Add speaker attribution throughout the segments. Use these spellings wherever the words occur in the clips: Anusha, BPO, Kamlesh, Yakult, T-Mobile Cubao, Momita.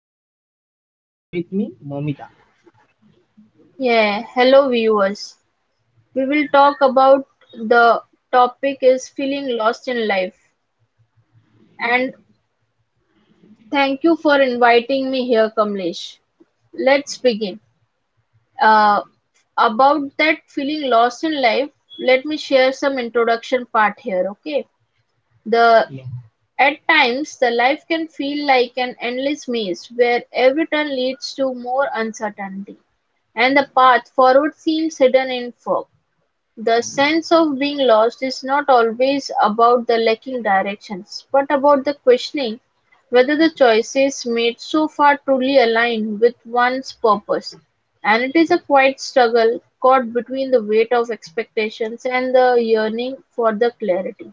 Speaker 1: This is Kamlesh and with me Momita.
Speaker 2: Yeah, hello viewers. We will talk about the topic is feeling lost in life. And thank you for inviting me here, Kamlesh. Let's begin. Uh, about that feeling lost in life, let me share some introduction part here, okay? The
Speaker 1: Yeah.
Speaker 2: At times the life can feel like an endless maze where every turn leads to more uncertainty, and the path forward seems hidden in fog. The sense of being lost is not always about the lacking directions, but about the questioning whether the choices made so far truly align with one's purpose. And it is a quiet struggle caught between the weight of expectations and the yearning for the clarity,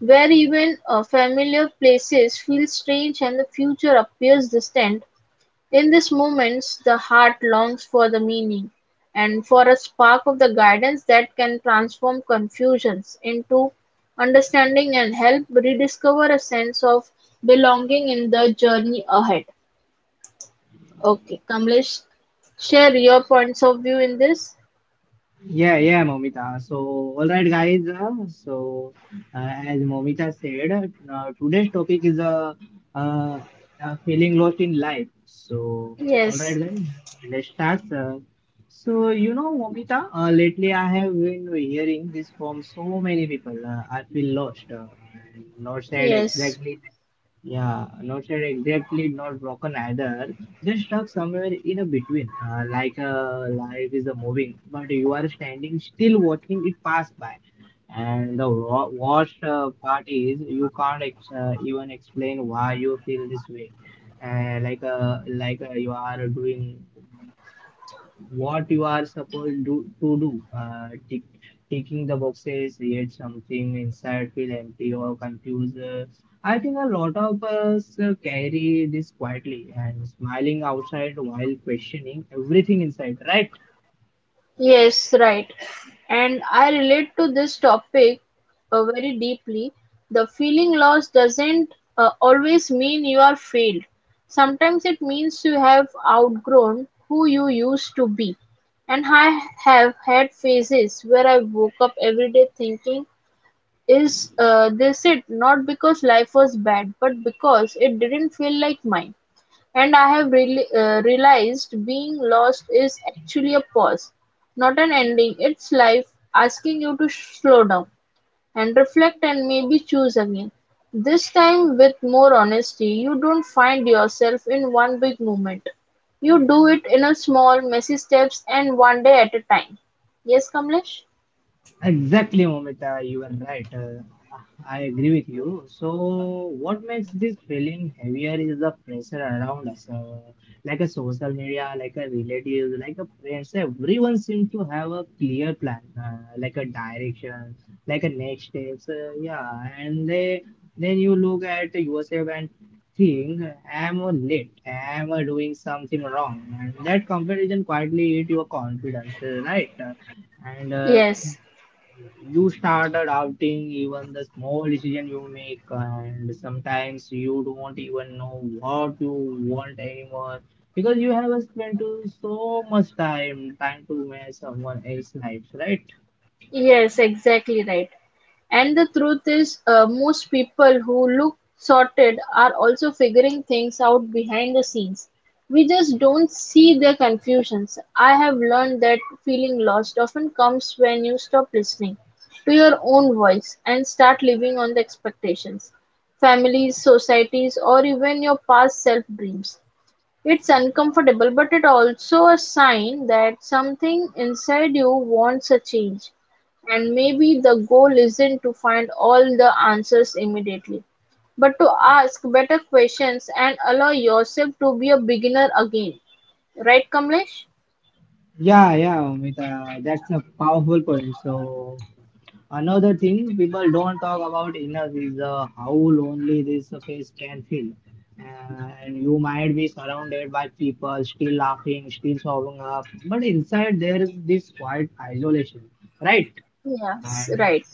Speaker 2: where even familiar places feel strange and the future appears distant. In these moments the heart longs for the meaning, and for a spark of the guidance that can transform confusions into understanding and help rediscover a sense of belonging in the journey ahead. Okay, Kamlesh, share your points of view in this.
Speaker 1: Yeah, yeah, Momita. All right, guys. As Momita said, today's topic is uh, feeling lost in life. So, all right,
Speaker 2: Yes,
Speaker 1: guys, let's start. So, you know, Momita, lately I have been hearing this from so many people. I feel lost. And not said
Speaker 2: yes.
Speaker 1: exactly. Yeah, not said exactly, not broken either. They're stuck somewhere in a between, life is a moving, but you are standing still watching it pass by. And the worst part is you can't even explain why you feel this way. You are doing what you are supposed to do. Ticking the boxes, yet something inside feel empty or confused. I think a lot of us carry this quietly and smiling outside while questioning everything inside, right?
Speaker 2: Yes, right. And I relate to this topic very deeply. The feeling loss doesn't always mean you are failed. Sometimes it means you have outgrown who you used to be. And I have had phases where I woke up every day thinking, is this it? Not because life was bad, but because it didn't feel like mine. And I have realized being lost is actually a pause, not an ending. It's life asking you to slow down and reflect and maybe choose again. This time with more honesty, you don't find yourself in one big moment. You do it in a small, messy steps and one day at a time. Yes, Kamlesh?
Speaker 1: Exactly, Momita, you are right. I agree with you. So, what makes this feeling heavier is the pressure around us, like a social media, like a relative, like a friends. Everyone seems to have a clear plan, like a direction, like a next steps. Yeah, then you look at yourself and think, am I late? Am I doing something wrong? And that comparison quietly eat your confidence, right? And
Speaker 2: Yes.
Speaker 1: you started outing even the small decision you make, and sometimes you don't even know what you want anymore because you have spent so much time trying to make someone else's life right.
Speaker 2: Yes, exactly right. And the truth is, most people who look sorted are also figuring things out behind the scenes. We just don't see their confusions. I have learned that feeling lost often comes when you stop listening to your own voice and start living on the expectations, families, societies, or even your past self dreams. It's uncomfortable, but it's also a sign that something inside you wants a change. And maybe the goal isn't to find all the answers immediately, but to ask better questions and allow yourself to be a beginner again. Right, Kamlesh?
Speaker 1: Yeah, yeah, Amita, that's a powerful point. So another thing people don't talk about enough is how lonely this phase can feel. And you might be surrounded by people still laughing, still showing up, but inside there is this quiet isolation, right?
Speaker 2: Yes,
Speaker 1: And
Speaker 2: right.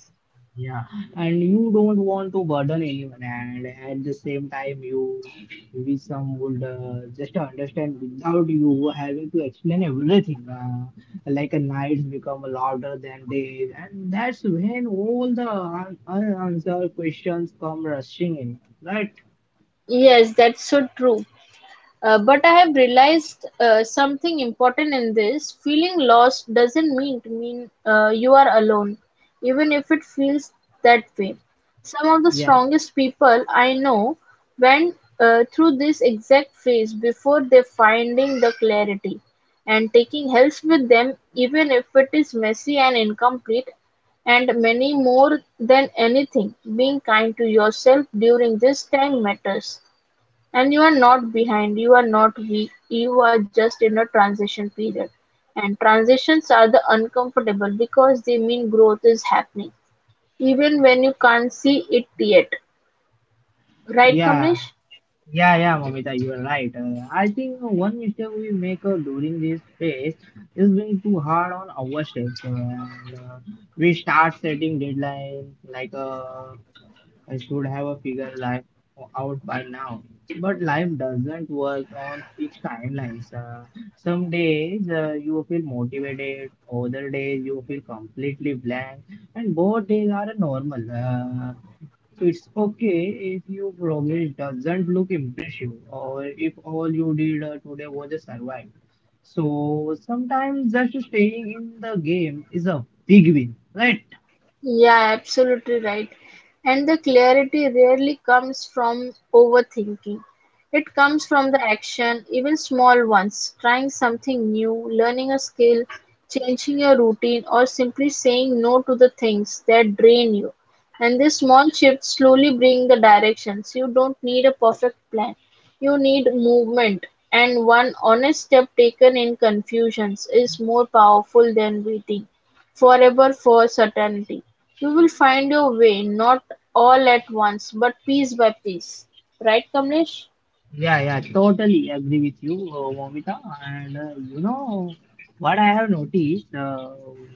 Speaker 1: yeah, and you don't want to burden anyone, and at the same time, you maybe some would just understand without you having to explain everything. Like a nights become louder than days, and that's when all the unanswered questions come rushing in, right?
Speaker 2: Yes, that's so true. But I have realized something important in this. Feeling lost doesn't mean to mean you are alone, even if it feels that way. Some of the
Speaker 1: Yeah,
Speaker 2: strongest people I know went through this exact phase before they finding the clarity, and taking helps with them, even if it is messy and incomplete. And many more than anything, being kind to yourself during this time matters. And you are not behind, you are not weak, you are just in a transition period. And transitions are the uncomfortable because they mean growth is happening, even when you can't see it yet. Right,
Speaker 1: yeah,
Speaker 2: Kamlesh?
Speaker 1: yeah, yeah, Mamita, you are right. I think one mistake we make during this phase is being too hard on ourselves. We start setting deadline like I should have a figure life out by now. But life doesn't work on fixed timelines. Some days you feel motivated, other days you feel completely blank, and both days are normal. It's okay if your progress doesn't look impressive or if all you did today was just survive. So sometimes just staying in the game is a big win, right?
Speaker 2: Yeah, absolutely right. And the clarity rarely comes from overthinking. It comes from the action, even small ones, trying something new, learning a skill, changing your routine, or simply saying no to the things that drain you. And these small shifts slowly bring the directions. You don't need a perfect plan. You need movement. And one honest step taken in confusions is more powerful than waiting forever for certainty. You will find your way, not all at once, but piece by piece. Right, Kamlesh?
Speaker 1: Yeah, yeah, totally agree with you, Momita. And you know what I have noticed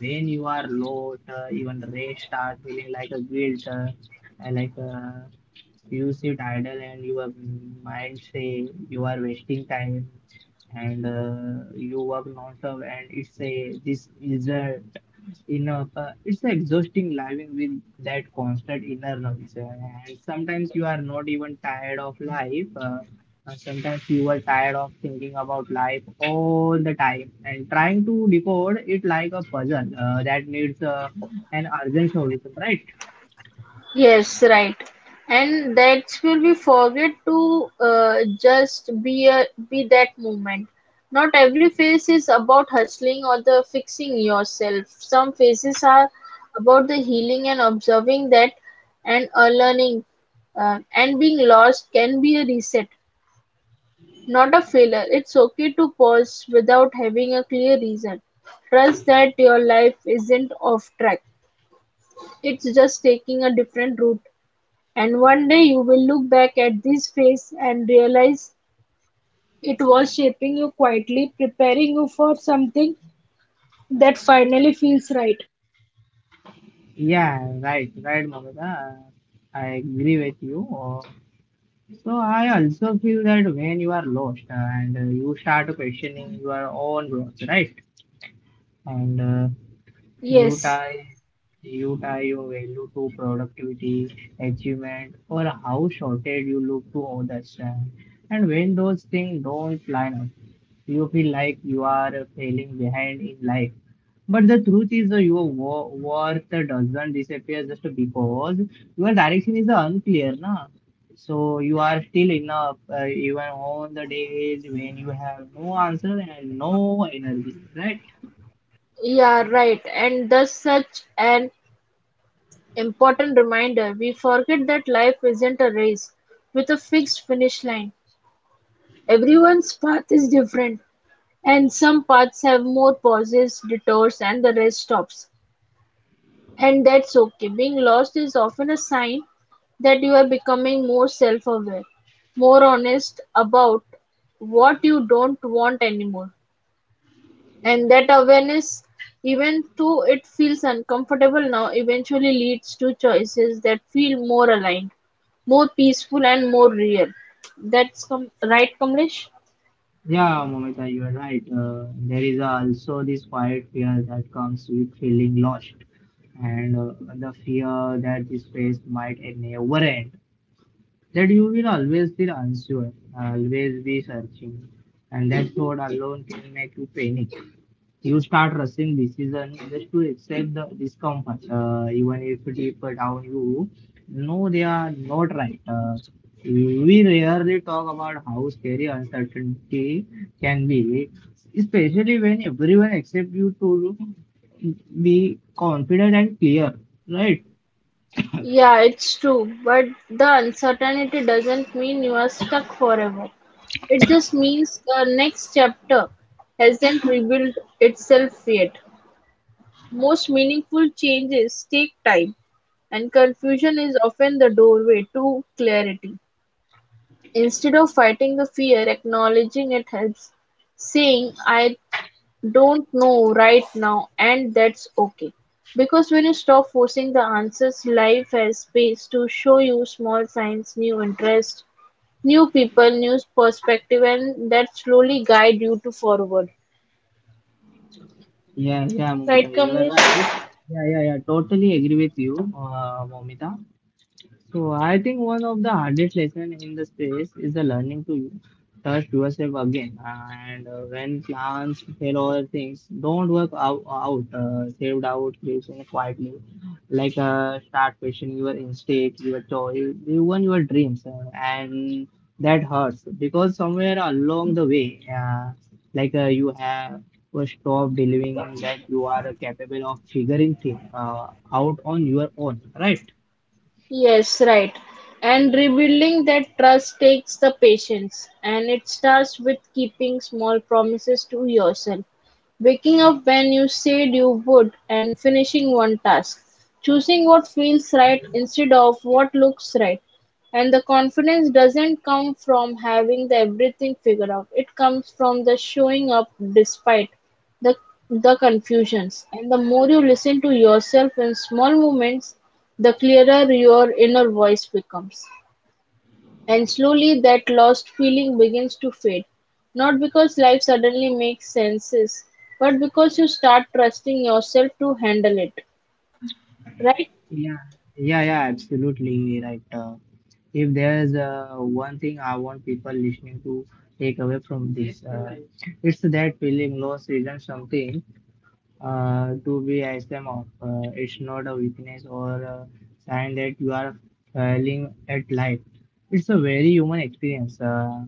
Speaker 1: when you are low, even rest start feeling like a guilt, and like you sit idle and your mind say you are wasting time, and you work non-stop, and it's a this is a enough, it's a exhausting living with that constant inner noise, and sometimes you are not even tired of life, sometimes you are tired of thinking about life all the time and trying to decode it like a puzzle that needs an urgent solution, right?
Speaker 2: Yes, right. And that's where we forget to just be that moment. Not every phase is about hustling or the fixing yourself. Some phases are about the healing and observing that and learning and being lost can be a reset. Not a failure, it's okay to pause without having a clear reason. Trust that your life isn't off track. It's just taking a different route. And one day you will look back at this phase and realize it was shaping you quietly, preparing you for something that finally feels right.
Speaker 1: Yeah, right, right, Mamata. I agree with you. So I also feel that when you are lost and you start questioning your own growth, right? And you
Speaker 2: Yes,
Speaker 1: tie you tie your value to productivity, achievement, or how shorted you look to others. And when those things don't line up, you feel like you are failing behind in life. But the truth is, your worth doesn't disappear just because your direction is unclear, na? So you are still enough, even on the days when you have no answer and no energy, right?
Speaker 2: yeah, right. And thus, such an important reminder. We forget that life isn't a race with a fixed finish line. Everyone's path is different, and some paths have more pauses, detours and the rest stops. And that's okay. Being lost is often a sign that you are becoming more self-aware, more honest about what you don't want anymore. And that awareness, even though it feels uncomfortable now, eventually leads to choices that feel more aligned, more peaceful and more real. Right, Kamlesh?
Speaker 1: Yeah, Momita, you are right. There is also this quiet fear that comes with feeling lost, and the fear that this phase might never end, that you will always feel unsure, always be searching, and that thought alone can make you panic. You start rushing decisions just to accept the discomfort, even if deeper down you know they are not right. We rarely talk about how scary uncertainty can be, especially when everyone accepts you to be confident and clear, right?
Speaker 2: Yeah, it's true, but the uncertainty doesn't mean you are stuck forever. It just means the next chapter hasn't rebuilt itself yet. Most meaningful changes take time, and confusion is often the doorway to clarity. Instead of fighting the fear, acknowledging it helps. Saying, I don't know right now and that's okay, because when you stop forcing the answers, life has space to show you small signs, new interests, new people, new perspective and that slowly guide you to forward.
Speaker 1: Yeah, yeah, Momita,
Speaker 2: Right,
Speaker 1: you are
Speaker 2: Kamlesh?
Speaker 1: right. Yeah, yeah, yeah, totally agree with you, Momita. So I think one of the hardest lessons in the space is the learning to trust yourself again. And when plans fail or things don't work out, saved out creation quietly, like start questioning your instinct, your choice, even your dreams, and that hurts because somewhere along the way, like you have or stop believing that you are capable of figuring things out on your own, right?
Speaker 2: Yes, right. And rebuilding that trust takes the patience, and it starts with keeping small promises to yourself. Waking up when you said you would, and finishing one task. Choosing what feels right instead of what looks right. And the confidence doesn't come from having the everything figured out. It comes from the showing up despite the the confusions. And the more you listen to yourself in small moments, the clearer your inner voice becomes. And slowly that lost feeling begins to fade. Not because life suddenly makes senses, but because you start trusting yourself to handle it. Right?
Speaker 1: Yeah, yeah, yeah, absolutely right. If there's one thing I want people listening to take away from this, it's that feeling lost isn't something to be as them off. It's not a weakness or a sign that you are failing at life. It's a very human experience,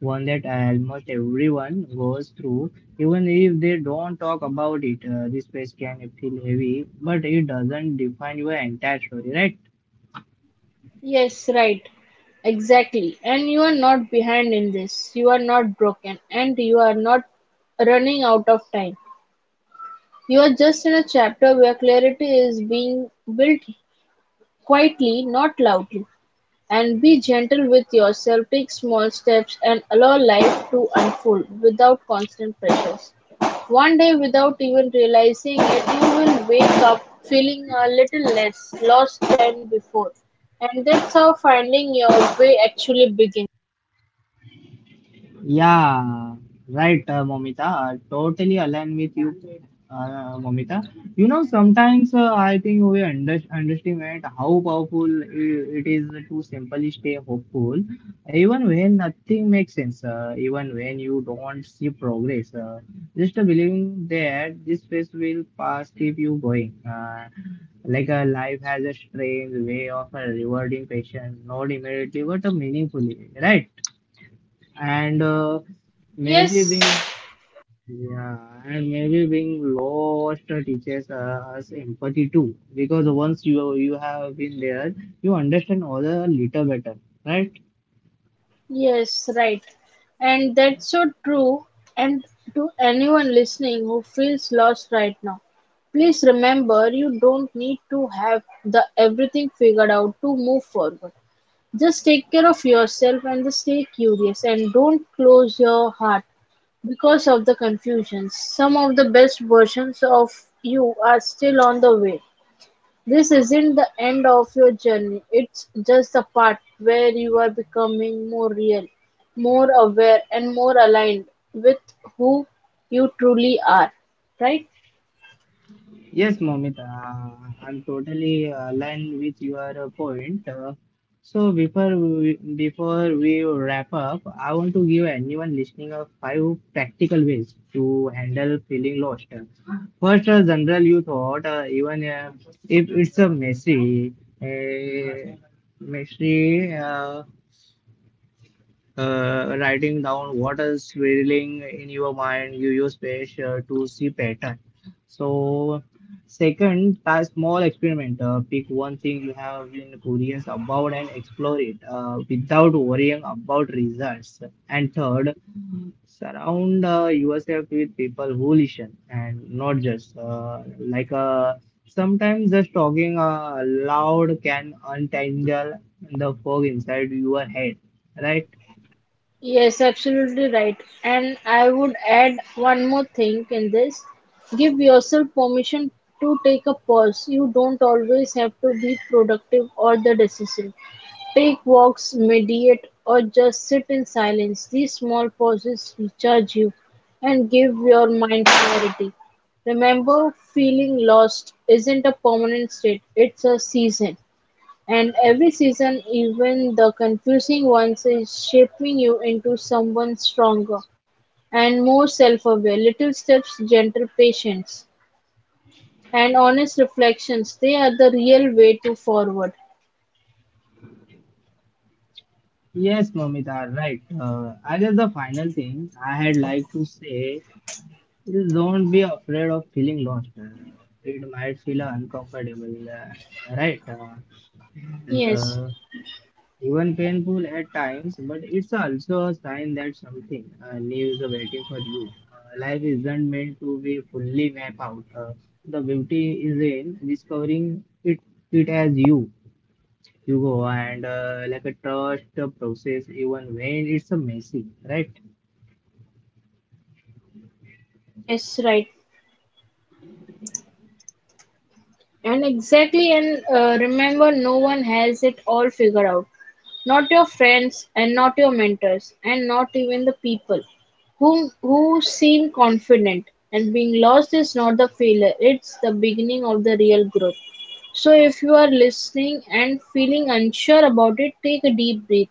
Speaker 1: one that almost everyone goes through, even if they don't talk about it. This space can feel heavy, but it doesn't define your entire story, right?
Speaker 2: Yes, right. Exactly. And you are not behind in this. You are not broken and you are not running out of time. You are just in a chapter where clarity is being built quietly, not loudly. And be gentle with yourself, take small steps, and allow life to unfold without constant pressures. One day, without even realizing it, you will wake up feeling a little less lost than before. And that's how finding your way actually begins.
Speaker 1: Yeah, right, Momita. I totally align with you, Momita. You know, sometimes I think we underestimate how powerful it is to simply stay hopeful, even when nothing makes sense, even when you don't see progress. Just believing that this phase will pass keep you going. Like a life has a strange way of rewarding patience, not immediately but meaningfully, right? and maybe
Speaker 2: Yes,
Speaker 1: being Yeah, and maybe being lost teaches us empathy too, because once you have been there you understand other little better, right?
Speaker 2: yes, right. And that's so true. And to anyone listening who feels lost right now, please remember you don't need to have the everything figured out to move forward. Just take care of yourself and just stay curious and don't close your heart because of the confusion. Some of the best versions of you are still on the way. This isn't the end of your journey, it's just the part where you are becoming more real, more aware, and more aligned with who you truly are. Right?
Speaker 1: Yes, Momita, I'm totally aligned with your point. So before we wrap up, I want to give anyone listening a five practical ways to handle feeling lost. First, general you thought even if it's a uh, messy. Writing down what is swirling in your mind you use page to see pattern. So second, a small experiment: pick one thing you have been curious about and explore it without worrying about results. And third, surround yourself with people who listen and not just, sometimes just talking loud can untangle the fog inside your head, right?
Speaker 2: Yes, absolutely right. And I would add one more thing in this. Give yourself permission to take a pause. You don't always have to be productive or the decisive. Take walks, meditate, or just sit in silence. These small pauses recharge you and give your mind clarity. Remember, feeling lost isn't a permanent state, it's a season. And every season, even the confusing ones, is shaping you into someone stronger and more self aware. Little steps, gentle patience, and honest reflections they are the real way to forward.
Speaker 1: Yes, Mamita, right. I guess the final thing I had like to say is don't be afraid of feeling lost. It might feel uncomfortable, right? And
Speaker 2: Yes,
Speaker 1: Even painful at times, but it's also a sign that something new is waiting for you. Life isn't meant to be fully mapped out. The beauty is in discovering it, it as you go, and like a trust the process even when it's a messy, right?
Speaker 2: yes, right. And exactly, and remember, no one has it all figured out. Not your friends, and not your mentors, and not even the people whom who seem confident. And being lost is not the failure; it's the beginning of the real growth. So, if you are listening and feeling unsure about it, take a deep breath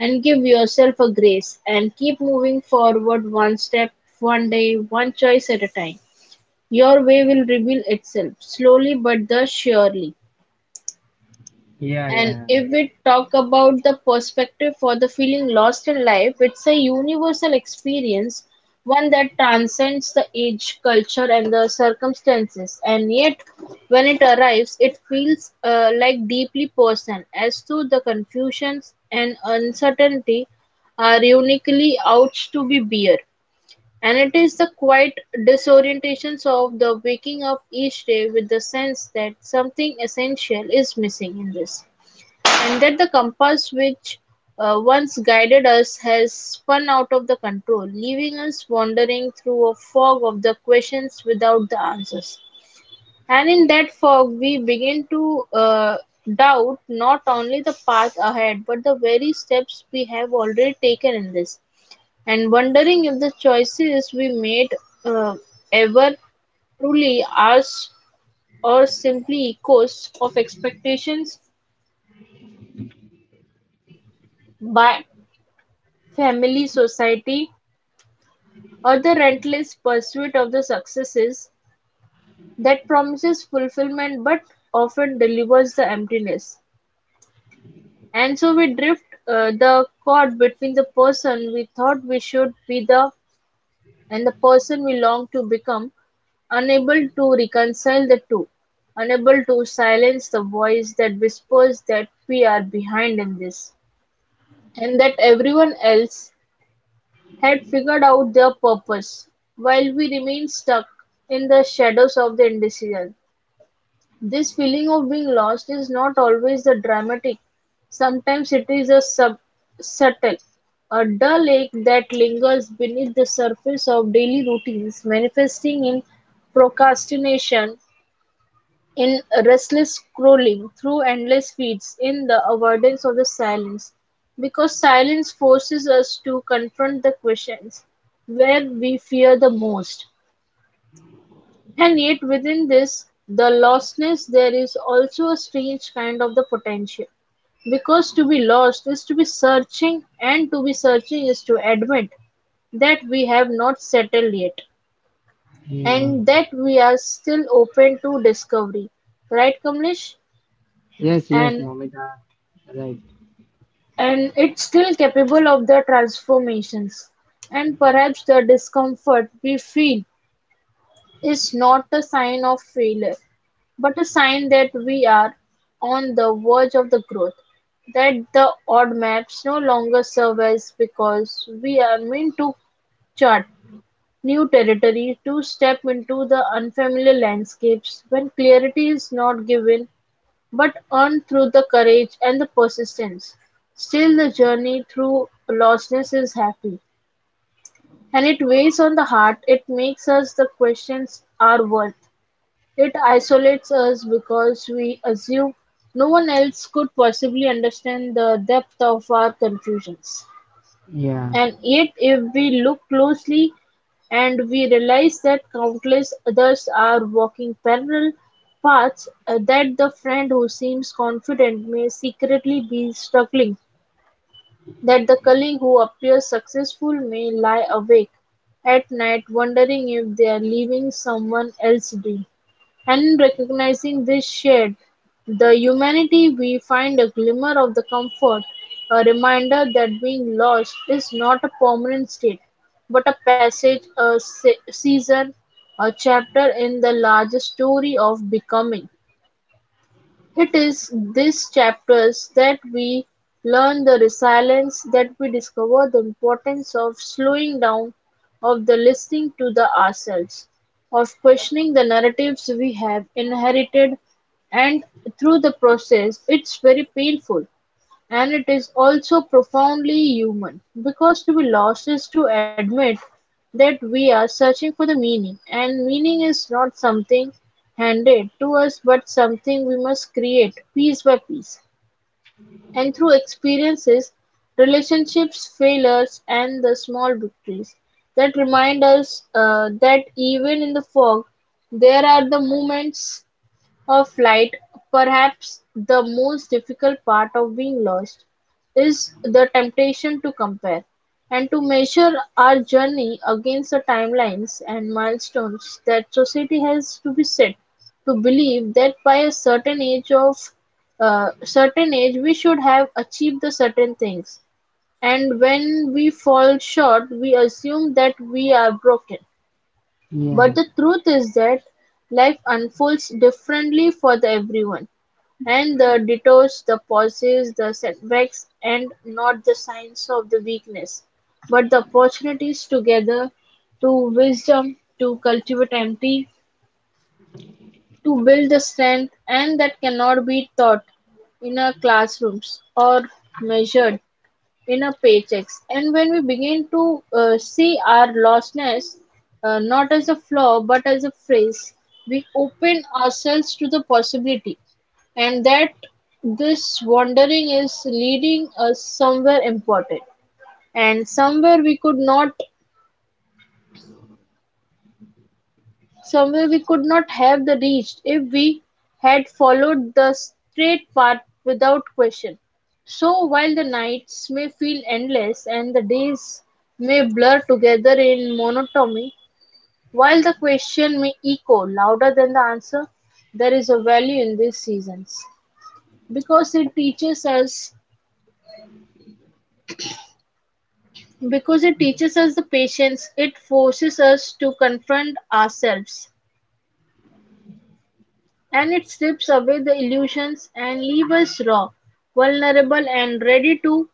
Speaker 2: and give yourself a grace, and keep moving forward one step, one day, one choice at a time. Your way will reveal itself, slowly but the surely.
Speaker 1: Yeah,
Speaker 2: And
Speaker 1: yeah,
Speaker 2: if we talk about the perspective for the feeling lost in life, it's a universal experience, one that transcends the age, culture, and the circumstances. And yet, when it arrives, it feels like deeply personal, as to the confusions and uncertainty are uniquely ought to be bear. And it is the quiet disorientations of the waking up each day with the sense that something essential is missing in this, and that the compass which once guided us has spun out of the control, leaving us wandering through a fog of the questions without the answers. And in that fog, we begin to doubt not only the path ahead but the very steps we have already taken in this and wondering if the choices we made uh, ever truly ours or simply echoes of expectations by family, society, or the relentless pursuit of the successes that promises fulfillment but often delivers the emptiness. And so we drift the cord between the person we thought we should be the and the person we long to become, unable to reconcile the two, unable to silence the voice that whispers that we are behind in this, and that everyone else had figured out their purpose, while we remain stuck in the shadows of the indecision. This feeling of being lost is not always the dramatic; sometimes it is a subtle, a dull ache that lingers beneath the surface of daily routines, manifesting in procrastination, in restless scrolling through endless feeds, in the avoidance of the silence. Because silence forces us to confront the questions where we fear the most, and yet within this, the lostness, there is also a strange kind of the potential. Because to be lost is to be searching, and to be searching is to admit that we have not settled yet
Speaker 1: yeah.
Speaker 2: and that we are still open to discovery. Right, Kamlesh?
Speaker 1: Yes, yes,
Speaker 2: And
Speaker 1: Momita, right.
Speaker 2: and it's still capable of the transformations, and perhaps the discomfort we feel is not a sign of failure, but a sign that we are on the verge of the growth, that the odd maps no longer serve us because we are meant to chart new territory, to step into the unfamiliar landscapes when clarity is not given but earned through the courage and the persistence. Still, the journey through lostness is happy and it weighs on the heart. It makes us the questions our worth, it isolates us because we assume no one else could possibly understand the depth of our confusions.
Speaker 1: Yeah,
Speaker 2: And yet, if we look closely, and we realize that countless others are walking parallel paths, that the friend who seems confident may secretly be struggling, that the colleague who appears successful may lie awake at night wondering if they are leaving someone else do. And in recognizing this shared, the humanity, we find a glimmer of the comfort, a reminder that being lost is not a permanent state, but a passage, a season, a chapter in the larger story of becoming. It is these chapters that we learn the resilience, that we discover the importance of slowing down, of the listening to the ourselves, of questioning the narratives we have inherited, and through the process it's very painful and it is also profoundly human, because to be lost is to admit that we are searching for the meaning, and meaning is not something handed to us but something we must create piece by piece and through experiences, relationships, failures, and the small victories that remind us that even in the fog, there are the moments of flight. Perhaps the most difficult part of being lost is the temptation to compare, and to measure our journey against the timelines and milestones that society has to be set, to believe that by a certain age of certain age we should have achieved the certain things, and when we fall short we assume that we are broken,
Speaker 1: yeah.
Speaker 2: but the truth is that life unfolds differently for the everyone, and the detours, the pauses, the setbacks, and not the signs of the weakness, but the opportunities to gather, to wisdom, to cultivate empathy, to build the strength, and that cannot be taught in our classrooms or measured in our paychecks. And when we begin to see our lostness not as a flaw but as a phrase, we open ourselves to the possibility, and that this wandering is leading us somewhere important, and somewhere we could not have the reached if we had followed the straight path without question. So while the nights may feel endless and the days may blur together in monotony, while the question may echo louder than the answer, there is a value in these seasons, because it teaches us because it teaches us the patience, it forces us to confront ourselves. And it strips away the illusions and leaves us raw, vulnerable, and ready to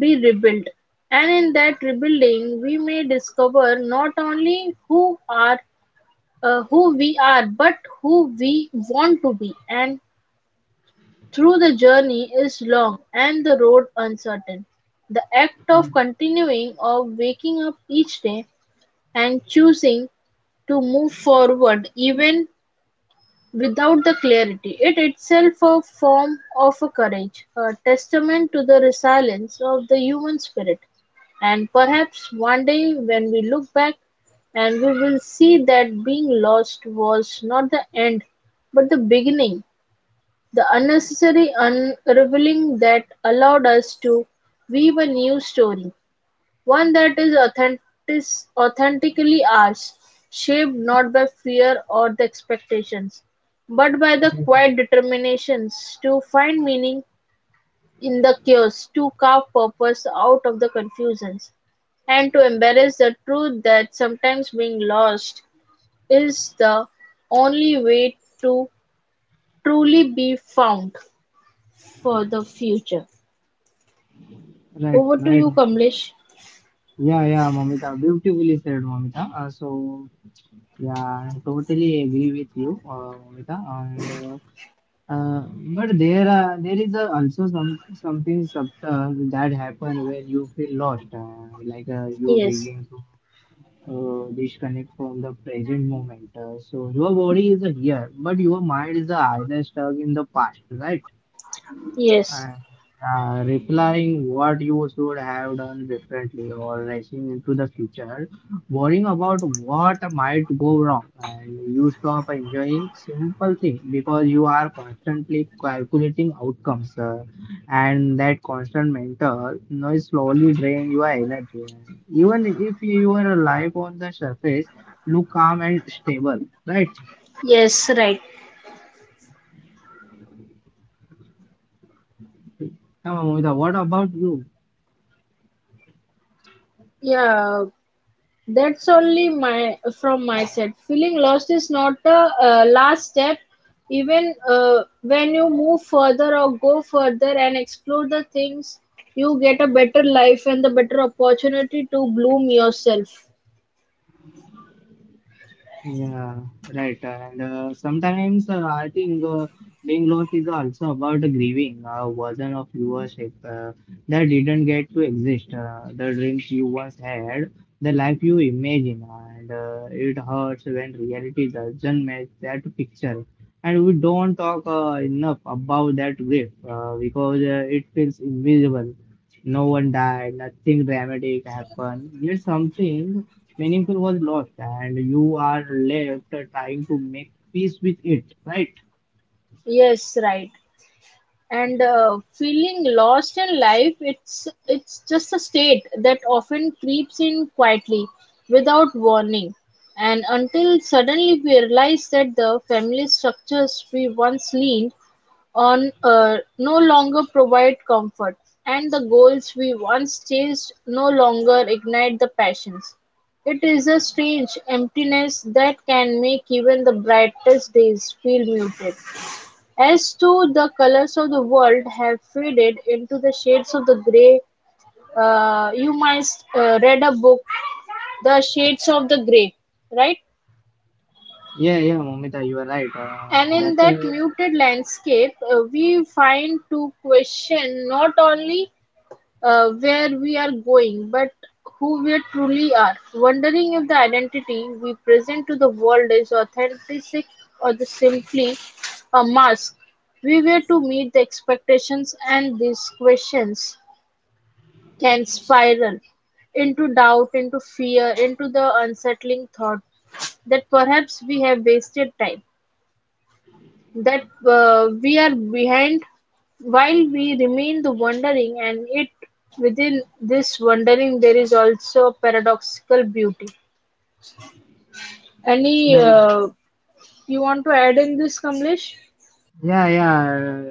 Speaker 2: be rebuilt. And in that rebuilding, we may discover not only who we are, but who we want to be. And through the journey is long and the road uncertain. The act of
Speaker 1: Mm,
Speaker 2: continuing, of waking up each day and choosing to move forward even without the clarity, it itself a form of a courage, a testament to the resilience of the human spirit. And perhaps one day when we look back, and we will see that being lost was not the end but the beginning, the unnecessary unraveling that allowed us to weave a new story, one that is authentic, authentically ours, shaped not by fear or the expectations, but by the
Speaker 1: exactly.
Speaker 2: quiet determinations to find meaning in the chaos, to carve purpose out of the confusions, and to embrace the truth that sometimes being lost is the only way to truly be found for the future.
Speaker 1: Right,
Speaker 2: Over to
Speaker 1: right.
Speaker 2: you, Kamlesh.
Speaker 1: Yeah, yeah, Momita, beautifully said, Momita. So yeah, I totally agree with you, Momita, and uh, but there is also some something subtle that happen when you feel lost, you
Speaker 2: Yes,
Speaker 1: begin to disconnect from the present moment. So your body is here, but your mind is either stuck in the past, right?
Speaker 2: yes,
Speaker 1: Uh, Replying what you should have done differently or rushing into the future, worrying about what might go wrong, and you stop enjoying simple things because you are constantly calculating outcomes, and that constant mental noise slowly drains your energy. Even if your life on the surface look calm and stable, right?
Speaker 2: yes, right.
Speaker 1: Now, Amita, what about you?
Speaker 2: Yeah, that's only my from my side. Feeling lost is not a last step. Even when you move further or go further and explore the things, you get a better life and the better opportunity to bloom yourself.
Speaker 1: Yeah, right. And sometimes I think being lost is also about grieving a version of yourself that didn't get to exist, the dreams you once had, the life you imagine, and it hurts when reality doesn't match that picture. And we don't talk enough about that grief because it feels invisible. No one died, nothing dramatic happened. Yet something meaningful was lost, and you are left trying to make peace with it, right?
Speaker 2: Yes, right. And feeling lost in life, it's just a state that often creeps in quietly, without warning, and until suddenly we realize that the family structures we once leaned on Earth no longer provide comfort, and the goals we once chased no longer ignite the passions. It is a strange emptiness that can make even the brightest days feel muted, as too, the colors of the world have faded into the shades of the grey. You might read a book, The Shades of the Grey, right?
Speaker 1: Yeah, yeah, Momita, you are right.
Speaker 2: And in
Speaker 1: That's a
Speaker 2: that muted landscape, we find to question not only where we are going, but who we truly are, wondering if the identity we present to the world is authentic or the simply a mask. We were to meet the expectations, and these questions can spiral into doubt, into fear, into the unsettling thought that perhaps we have wasted time, that we are behind while we remain the wondering, and it within this wondering there is also paradoxical beauty. Any You want to add in this, Kamlesh?
Speaker 1: Yeah, yeah,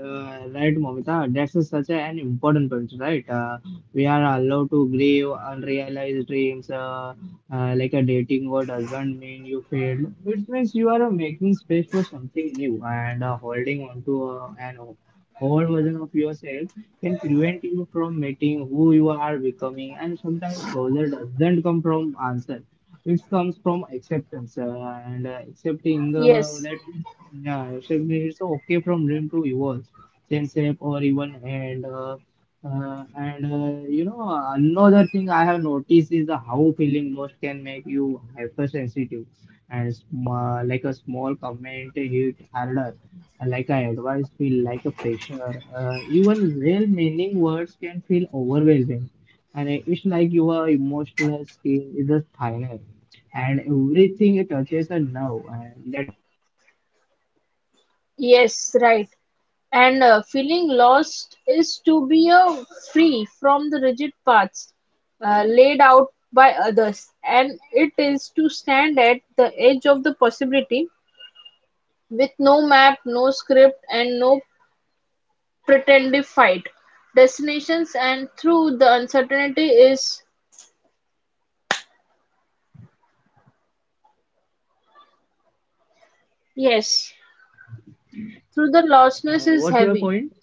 Speaker 1: right, Momita. That's such an important point, right? We are allowed to grieve unrealized dreams. Like a dating word doesn't mean you failed. It means you are making space for something new, and holding on to an old version of yourself can prevent you from meeting who you are becoming. And sometimes closure doesn't come from answer. It comes from acceptance, and accepting
Speaker 2: Yes,
Speaker 1: that yeah, so it means it's okay from dream to evolve, then shape or even, and you know, another thing I have noticed is the how feeling most can make you hypersensitive, and sm like a small comment hit harder, like an advice feel like a pressure. Even well-meaning words can feel overwhelming, and it's like your emotional skin is a thinner, and everything touches a nerve, and that.
Speaker 2: yes, right. And feeling lost is to be free from the rigid paths laid out by others, and it is to stand at the edge of the possibility with no map, no script, and no pretended flight destinations, and through the uncertainty is,
Speaker 1: Yes, Momita, carry on.
Speaker 2: yes, through the lostness is
Speaker 1: What's your
Speaker 2: heavy,
Speaker 1: point?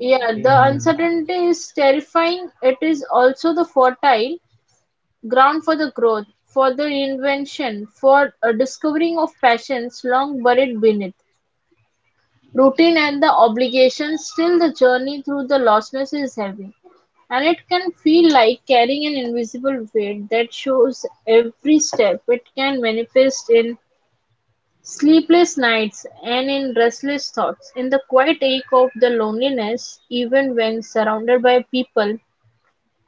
Speaker 2: yeah, the
Speaker 1: Yeah, yeah,
Speaker 2: uncertainty is terrifying, it is also the fertile ground for the growth, for the invention, for a discovering of passions long buried beneath routine and the obligations. Still, the journey through the lostness is heavy, and it can feel like carrying an invisible weight that shows every step. It can manifest in sleepless nights and in restless thoughts, in the quiet ache of the loneliness, even when surrounded by people,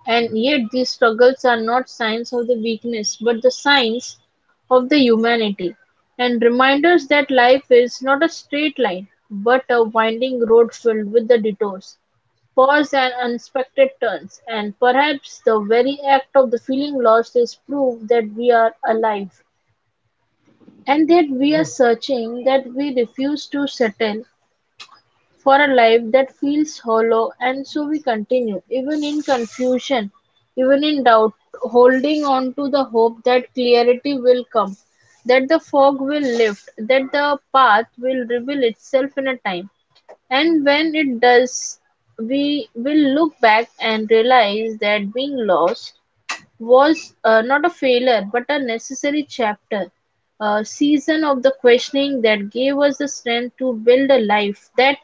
Speaker 2: and yet these struggles are not signs of the weakness, but the signs of the humanity, and reminders that life is not a straight line, but a winding road filled with the detours, pause, and unexpected turns, and perhaps the very act of the feeling lost is proof that we are alive and that we are searching, that we refuse to settle for a life that feels hollow, and so we continue, even in confusion, even in doubt, holding on to the hope that clarity will come, that the fog will lift, that the path will reveal itself in a time. And when it does, we will look back and realize that being lost was not a failure but a necessary chapter, a season of the questioning that gave us the strength to build a life that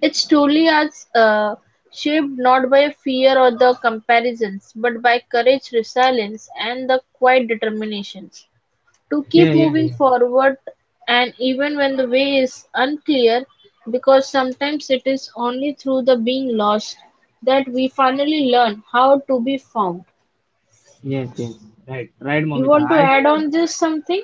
Speaker 2: its truly are, shaped not by fear or the comparisons, but by courage, resilience, and the quiet determinations to keep
Speaker 1: yeah, yeah,
Speaker 2: moving
Speaker 1: yeah.
Speaker 2: forward, and even when the way is unclear, because sometimes it is only through the being lost that we finally learn how to be found.
Speaker 1: Yes, yes. Right, right,
Speaker 2: You
Speaker 1: Momita.
Speaker 2: want to
Speaker 1: I
Speaker 2: add
Speaker 1: think
Speaker 2: on this something?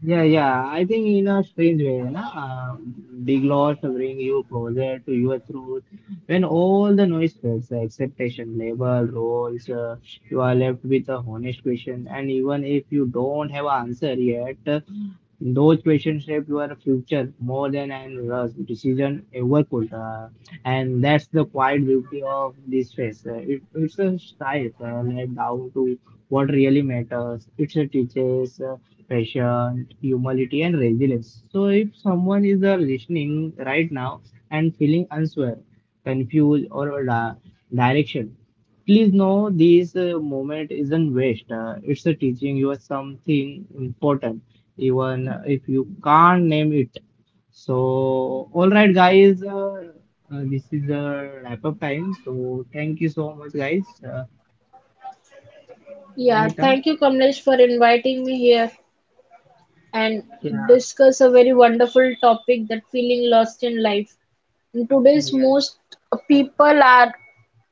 Speaker 1: yeah, yeah, I think in a strange way, na, big loss to bring you closer to your truth. When all the noise fades, the expectation, label, roles, you are left with a honest question. And even if you don't have an answer yet, those questions shape your future more than an rush decision ever could. And that's the quiet beauty of this phase. It's a style like down to what really matters. It teaches patience, humility, and resilience. So, if someone is listening right now and feeling unsure, confused, or direction, please know this moment isn't waste. It's teaching you something important, even if you can't name it. So, all right, guys. This is the wrap up time. So, thank you so much, guys.
Speaker 2: Yeah,
Speaker 1: Momita.
Speaker 2: thank you, Kamlesh, for inviting me here. And
Speaker 1: Yeah,
Speaker 2: discuss a very wonderful topic, that feeling lost in life. In today's
Speaker 1: yeah.
Speaker 2: most, people are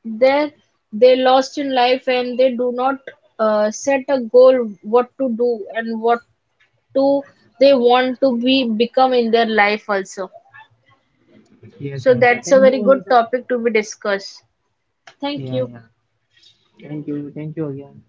Speaker 2: there, they lost in life and they do not set a goal what to do and what to they want to be become in their life also.
Speaker 1: Yes,
Speaker 2: So
Speaker 1: ma'am.
Speaker 2: that's a
Speaker 1: Thank you,
Speaker 2: very good
Speaker 1: Anusha.
Speaker 2: topic to be discussed. Thank
Speaker 1: Yeah,
Speaker 2: you.
Speaker 1: yeah. Thank you. Thank you again.